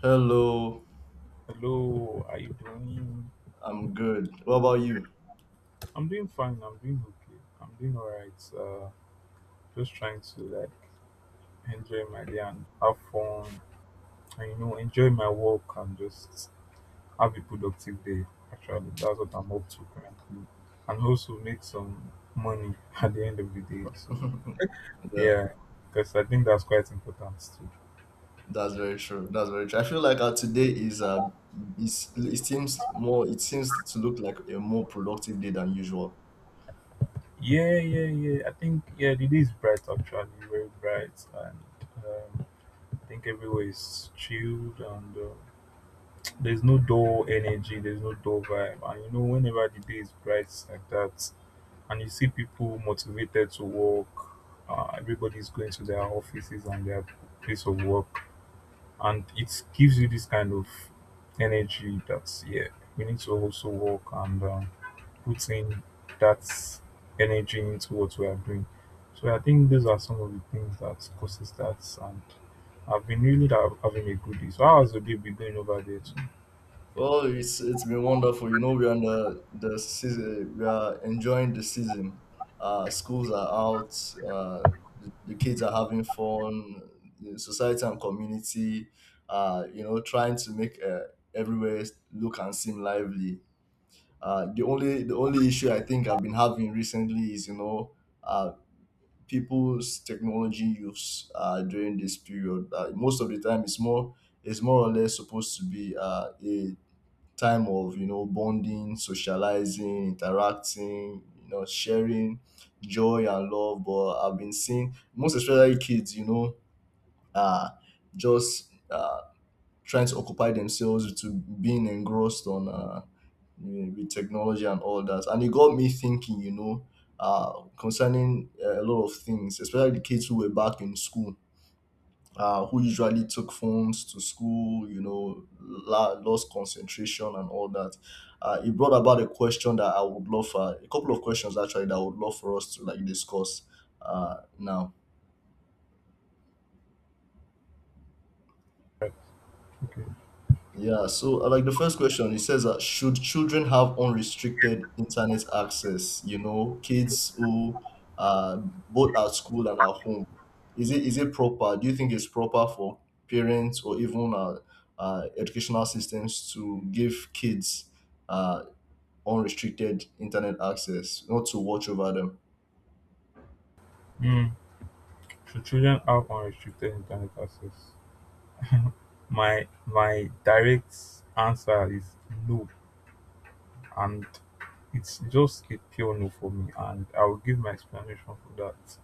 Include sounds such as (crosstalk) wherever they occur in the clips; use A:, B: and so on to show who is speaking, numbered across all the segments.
A: Hello,
B: Hello, how you doing?
A: I'm good. What about you?
B: I'm doing fine. I'm doing okay. I'm doing all right. Just trying to like enjoy my day and have fun, and you know, enjoy my work and just have a productive day. Actually, that's what I'm up to currently, and also make some money (laughs) at the end of the day. So
A: (laughs) Yeah,
B: yeah, because I think that's quite important too.
A: that's very true. That's very true. I feel like today is it seems to look like a more productive day than usual.
B: Yeah, yeah, yeah. I think yeah, the day is bright actually, very bright, and um, I think everywhere is chilled and. There's no dull energy, there's no dull vibe. And you know, whenever the day is bright like that, and you see people motivated to work, everybody's going to their offices and their place of work, and it gives you this kind of energy that, yeah, we need to also work and put in that energy into what we are doing. So I think those are some of the things that causes that, and I've been having a good day. So how has your day been going over there too?
A: Well, it's been wonderful. You know, we are in the season. We are enjoying the season. Schools are out. Uh, the kids are having fun. The society and community, you know, trying to make everywhere look and seem lively. The only issue I think I've been having recently is uh, people's technology use during this period. Most of the time, it's more or less supposed to be a time of bonding, socializing, interacting, sharing joy and love. But I've been seeing most especially kids, uh, just trying to occupy themselves to being engrossed on. Yeah, with technology and all that. And it got me thinking, uh, concerning a lot of things, especially the kids who were back in school, who usually took phones to school, lost concentration and all that. It brought about a question that I would love, a couple of questions actually that I would love for us to like discuss now.
B: Right. Okay.
A: Yeah, so like the first question, it says that should children have unrestricted internet access? You know, kids who are both at school and at home. Is it proper? Do you think it's proper for parents or even educational systems to give kids uh, unrestricted internet access, not to watch over them?
B: Mm. Should children have unrestricted internet access? My direct answer is no, and it's just a pure no for me, and I will give my explanation for that.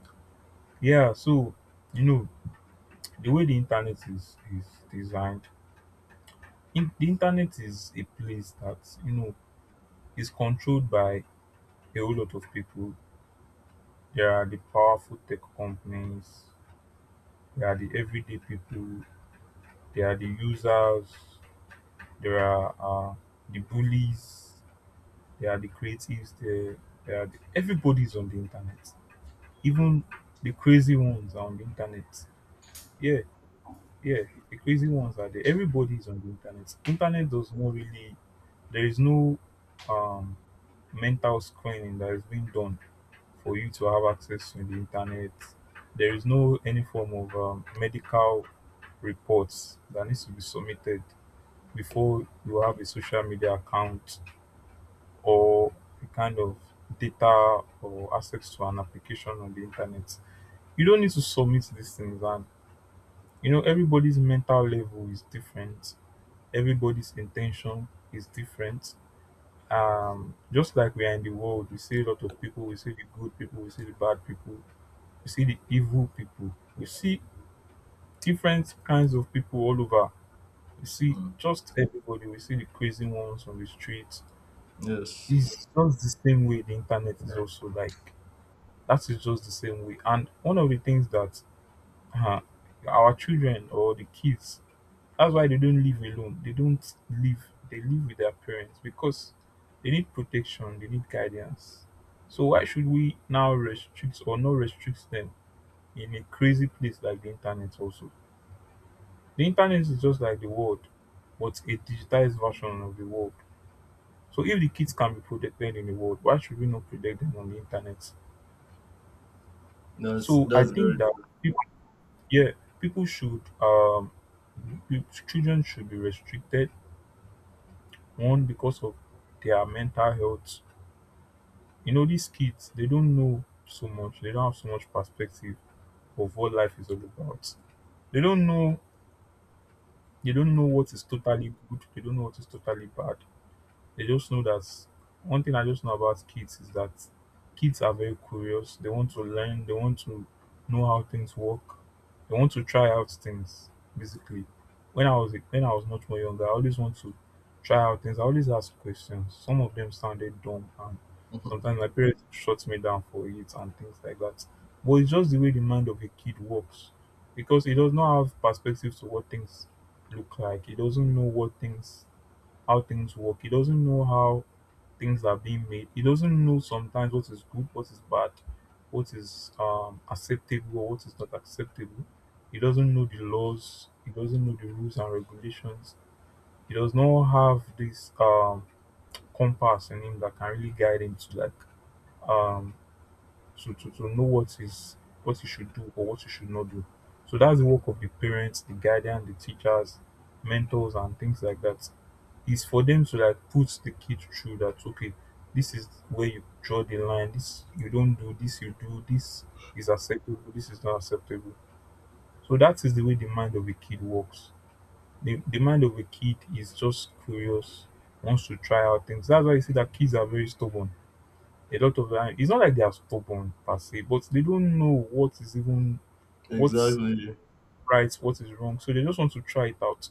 B: Yeah, so you know the way the internet is designed. The internet is a place that you know is controlled by a whole lot of people. There are the powerful tech companies. There are the everyday people. There are the users, there are the bullies, there are the creatives, there are everybody's on the internet. Even the crazy ones are on the internet. Yeah, yeah, the crazy ones are there. Everybody's on the internet. Internet does not really, There is no um, mental screening that is being done for you to have access to the internet. There is no any form of medical reports that needs to be submitted before you have a social media account or a kind of data or access to an application on the internet. You don't need to submit these things, and you know, everybody's mental level is different, everybody's intention is different. Just like we are in the world, we see a lot of people, we see the good people, we see the bad people, we see the evil people, we see different kinds of people all over. We see
A: Mm.
B: just everybody, we see the crazy ones on the streets.
A: Yes,
B: It's just the same way the internet is also like that is just the same way. And one of the things that uh, our children or the kids, that's why they don't live alone. They don't live, They live with their parents because they need protection, they need guidance. So why should we now restrict or not restrict them in a crazy place like the internet also? The internet is just like the world, but a digitized version of the world. So if the kids can be protected in the world, why should we not protect them on the internet?
A: that's
B: So I
A: that's
B: think
A: very
B: that yeah, people should children should be restricted, one because of their mental health. You know, these kids they don't know so much, they don't have so much perspective of what life is all about. They don't know they don't know what is totally good, they don't know what is totally bad. They just know that one thing I just know about kids is that kids are very curious. They want to learn, they want to know how things work, they want to try out things, basically. When I was much more younger, I always want to try out things. I always ask questions. Some of them sounded dumb and
A: true.
B: sometimes my parents shut me down for it and things like that. But it's just the way the mind of a kid works. Because he does not have perspective to what things look like. He doesn't know what things How things work. He doesn't know how things are being made. He doesn't know sometimes what is good, what is bad, what is acceptable, or what is not acceptable. He doesn't know the laws. He doesn't know the rules and regulations. He does not have this compass in him that can really guide him to um, know what is what he should do or what he should not do. So that's the work of the parents, the guardian, the teachers, mentors, and things like that. It's for them to like put the kid through that, okay, this is where you draw the line, this you don't do, this you do, this is acceptable, this is not acceptable. So that is the way the mind of a kid works. The mind of a kid is just curious, wants to try out things. That's why you see that kids are very stubborn. A lot of the time it's not like they are stubborn per se, but they don't know what is even
A: (laughs)
B: what's
A: Exactly.
B: right, what is wrong, so they just want to try it out.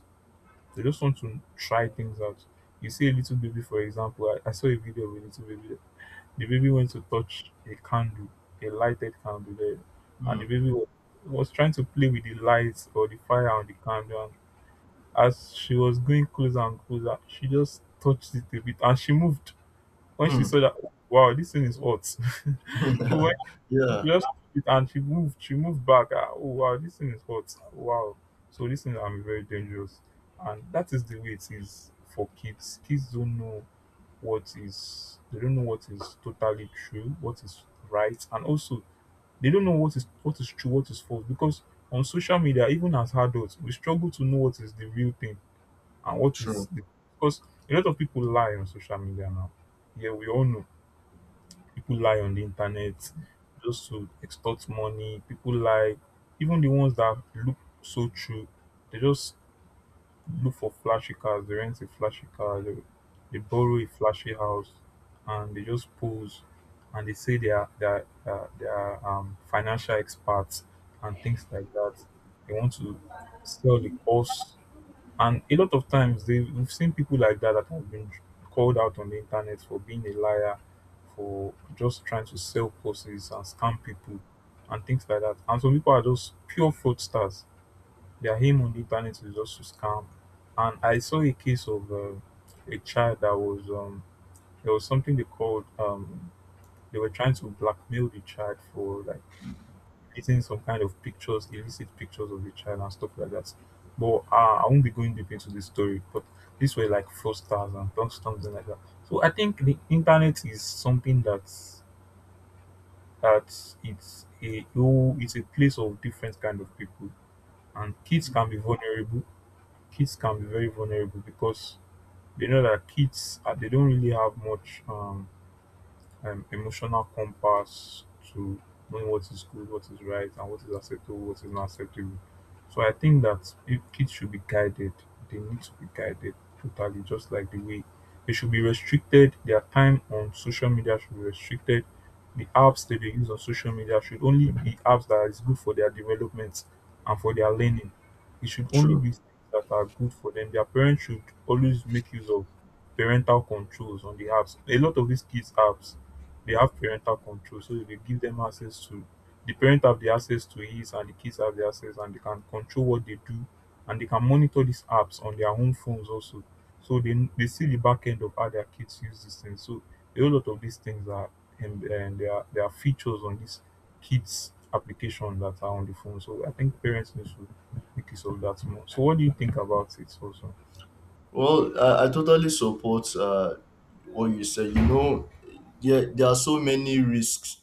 B: They just want to try things out. You see a little baby, for example. I saw a video of a little baby. The baby went to touch a candle, a lighted candle there, and
A: Hmm.
B: was trying to play with the lights or the fire on the candle. And as she was going closer and closer, she just touched it a bit and she moved. When she
A: Hmm.
B: saw that, wow, this thing is hot. (laughs) so when
A: (laughs) Yeah,
B: she just took it and she moved. She moved back. Ah, oh wow, this thing is hot. Wow. So this thing I'm very dangerous, and that is the way it is for kids. Kids don't know what is. They don't know what is totally true, what is right, and also they don't know what is true, what is false. Because on social media, even as adults, we struggle to know what is the real thing and what is
A: true,
B: the. Because a lot of people lie on social media now. Yeah, we all know. People lie on the internet just to extort money. People lie, even the ones that look so true, they just look for flashy cars. They borrow a flashy house, and they just pose and they say they are financial experts and things like that. They want to sell the course, and a lot of times they we've seen people like that that have been called out on the internet for being a liar, for just trying to sell courses and scam people and things like that. And some people are just pure fraudsters. Their aim on the internet is just to scam. And I saw a case of a child that was there was something they called, they were trying to blackmail the child for like getting some kind of pictures, illicit pictures of the child and stuff like that. But I won't be going deep into the story. But these were like fraudsters and something like that. So I think the internet is something that it's it's a place of different kind of people, and kids can be vulnerable. Kids can be very vulnerable because they know that kids they don't really have much an emotional compass to knowing what is good, what is right, and what is acceptable, what is not acceptable. So I think that if kids should be guided, they need to be guided totally, just like the way they should be restricted. Their time on social media should be restricted. The apps that they use on social media should only be apps that is good for their development and for their learning. It should only
A: true.
B: be things that are good for them. Their parents should always make use of parental controls on the apps. A lot of these kids' apps, they have parental control, so they give them access to, the parent have the access to his, and the kids have the access, and they can control what they do, and they can monitor these apps on their own phones also. So they see the back end of how their kids use these things. So a whole lot of these things are, and there are, there are features on these kids application that are on the phone. So I think parents need to make use of that more. So what do you think about it also?
A: Well, I totally support what you said. You know, there are so many risks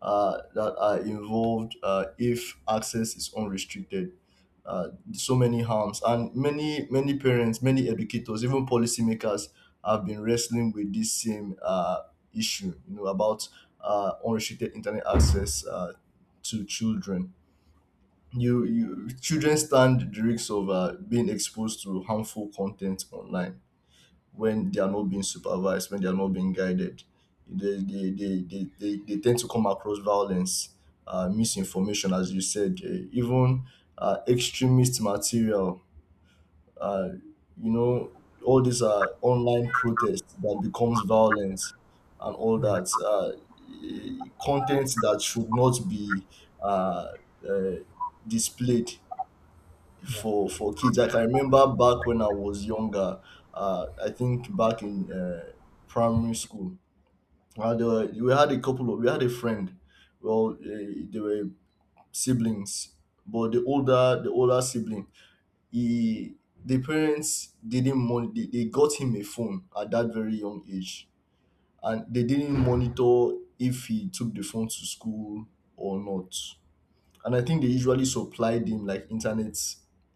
A: that are involved if access is unrestricted. So many harms, and many parents, many educators, even policymakers have been wrestling with this same issue. You know about unrestricted internet access to children. You children stand the risks of being exposed to harmful content online when they are not being supervised, when they are not being guided. They tend to come across violence, misinformation, as you said, even extremist material. Uh, you know, all these are online protests that becomes violence and all that. Content that should not be uh, uh, displayed
B: Yeah,
A: for kids. Like, I can remember back when I was younger. I think back in primary school, we had a couple of we had a friend. Well, they were siblings, but the older sibling, he the parents didn't they got him a phone at that very young age, and they didn't monitor if he took the phone to school or not. And I think they usually supplied him like internet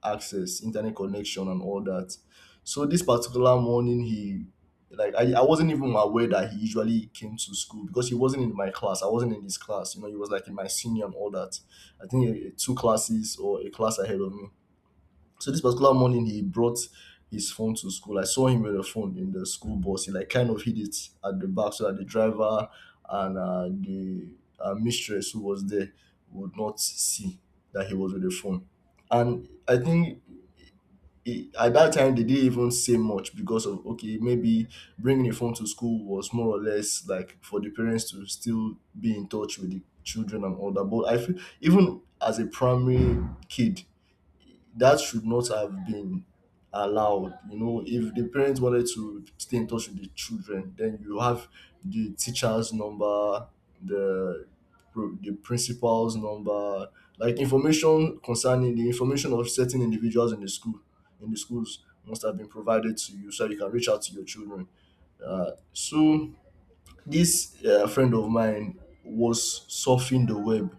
A: access, internet connection, and all that. So this particular morning, he I wasn't even aware that he usually came to school because he wasn't in my class. I wasn't in his class. You know, he was like in my senior and all that. I think two classes or a class ahead of me. So this particular morning he brought his phone to school. I saw him with a phone in the school bus. He like kind of hid it at the back so that the driver and the mistress who was there would not see that he was with a phone. And I think at that time they didn't even say much because of okay maybe bringing a phone to school was more or less like for the parents to still be in touch with the children and all that. But I feel even as a primary kid that should not have been allowed. You know, if the parents wanted to stay in touch with the children, then you have the teacher's number, the the principal's number, like information concerning the information of certain individuals in the school, in the schools must have been provided to you so you can reach out to your children. So this friend of mine was surfing the web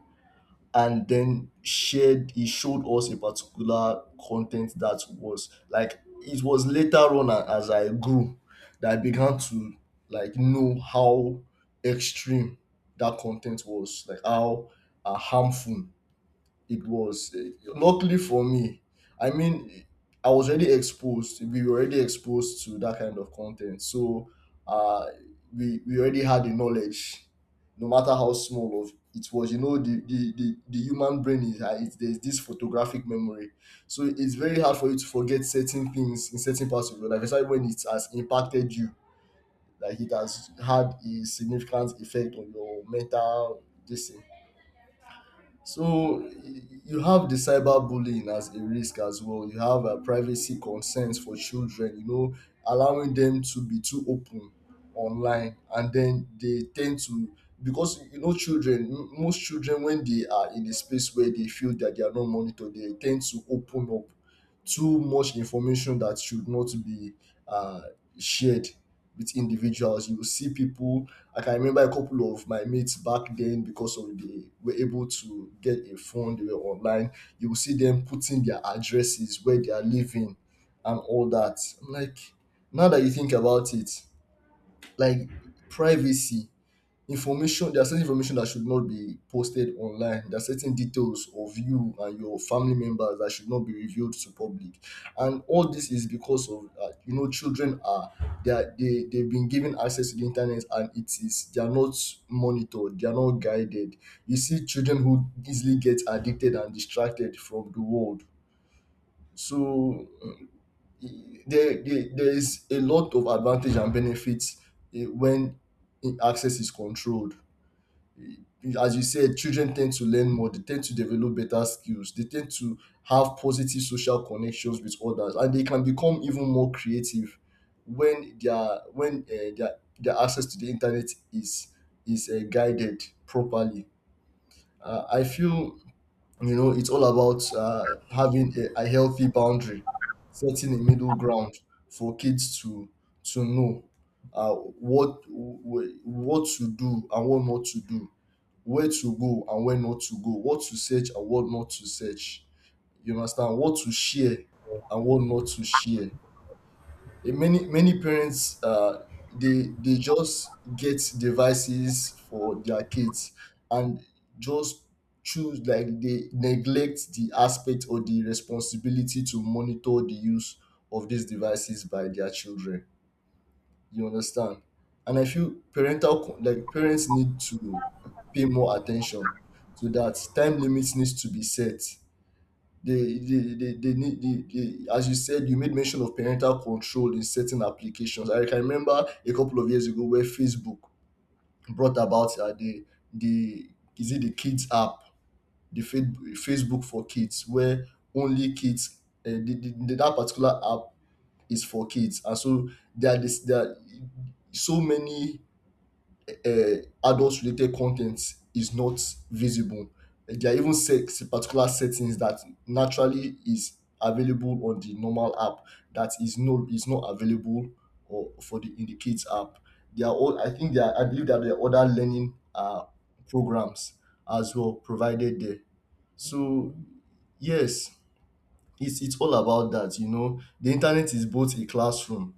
A: and then shared he showed us a particular content that was like it was later on as I grew that I began to like know how extreme that content was, like how harmful it was. Luckily for me, i mean I was already exposed we were already exposed to that kind of content. So uh we already had the knowledge, no matter how small of it was. You know, the human brain is, there's this photographic memory, so it's very hard for you to forget certain things in certain parts of your life, especially when it has impacted you, like it has had a significant effect on your mental this thing. So you have the cyberbullying as a risk as well. You have privacy concerns for children, you know, allowing them to be too open online. And then they tend to, because, you know, children, most children, when they are in a space where they feel that they are not monitored, they tend to open up too much information that should not be uh, shared with individuals. You will see people. I can remember a couple of my mates back then, because of they were able to get a phone, they were online. You will see them putting their addresses where they are living and all that. I'm like, now that you think about it, like privacy information, there are certain information that should not be posted online. There are certain details of you and your family members that should not be revealed to public. And all this is because of, you know, children are they've been given access to the internet and it is they are not monitored, they are not guided. You see children who easily get addicted and distracted from the world. So mm, there is a lot of advantage and benefits when access is controlled. As you said, children tend to learn more, they tend to develop better skills, they tend to have positive social connections with others, and they can become even more creative when their access to the internet is is guided properly. I feel you know it's all about having a healthy boundary, setting a middle ground for kids to know what to do and what not to do, where to go and where not to go, what to search and what not to search. You understand? What to share and what not to share. And many parents they just get devices for their kids and just choose, like they neglect the aspect or the responsibility to monitor the use of these devices by their children. You understand? And I feel like parents need to pay more attention to that. Time limits needs to be set. They need they, as you said, you made mention of parental control in certain applications. I can remember a couple of years ago where Facebook brought about the is it the kids app, the Facebook for kids, where only kids that particular app is for kids, and so there are so many uh, adult related content is not visible. There are even particular settings that naturally is available on the normal app that is is not available or for the in the kids app. They are all, I think they are, I believe that there are other learning programs as well provided there. So yes, it's all about that. You know, the internet is both a classroom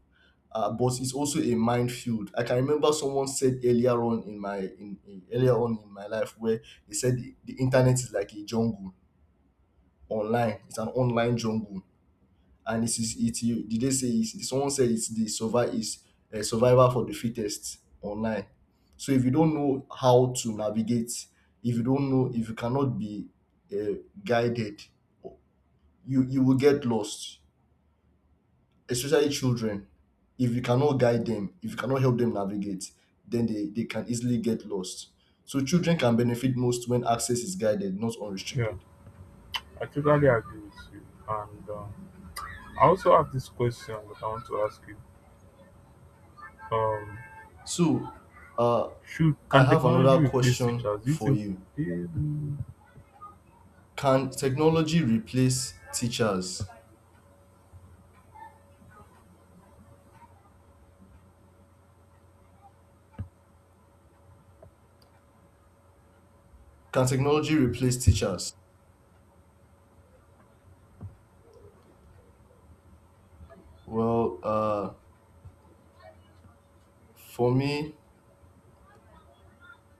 A: but it's also a minefield. I can remember someone said earlier on in earlier on in my life where they said the internet is like a jungle online. It's an online jungle, and it is it. You, did they say it's, someone said it's the survival is a survivor for the fittest online. So if you don't know how to navigate, if you don't know, if you cannot be uh, guided, you will get lost. Especially children, if you cannot guide them, if you cannot help them navigate, then they can easily get lost. So children can benefit most when access is guided, not
B: yeah,
A: unrestricted.
B: I totally agree with you and I also have this question that I want to ask you. Um,
A: So uh,
B: should
A: I
B: can
A: have
B: technology
A: another
B: replace
A: question
B: teachers? Do you
A: for
B: think?
A: you.
B: Um,
A: can technology replace teachers can technology replace teachers? Well, for me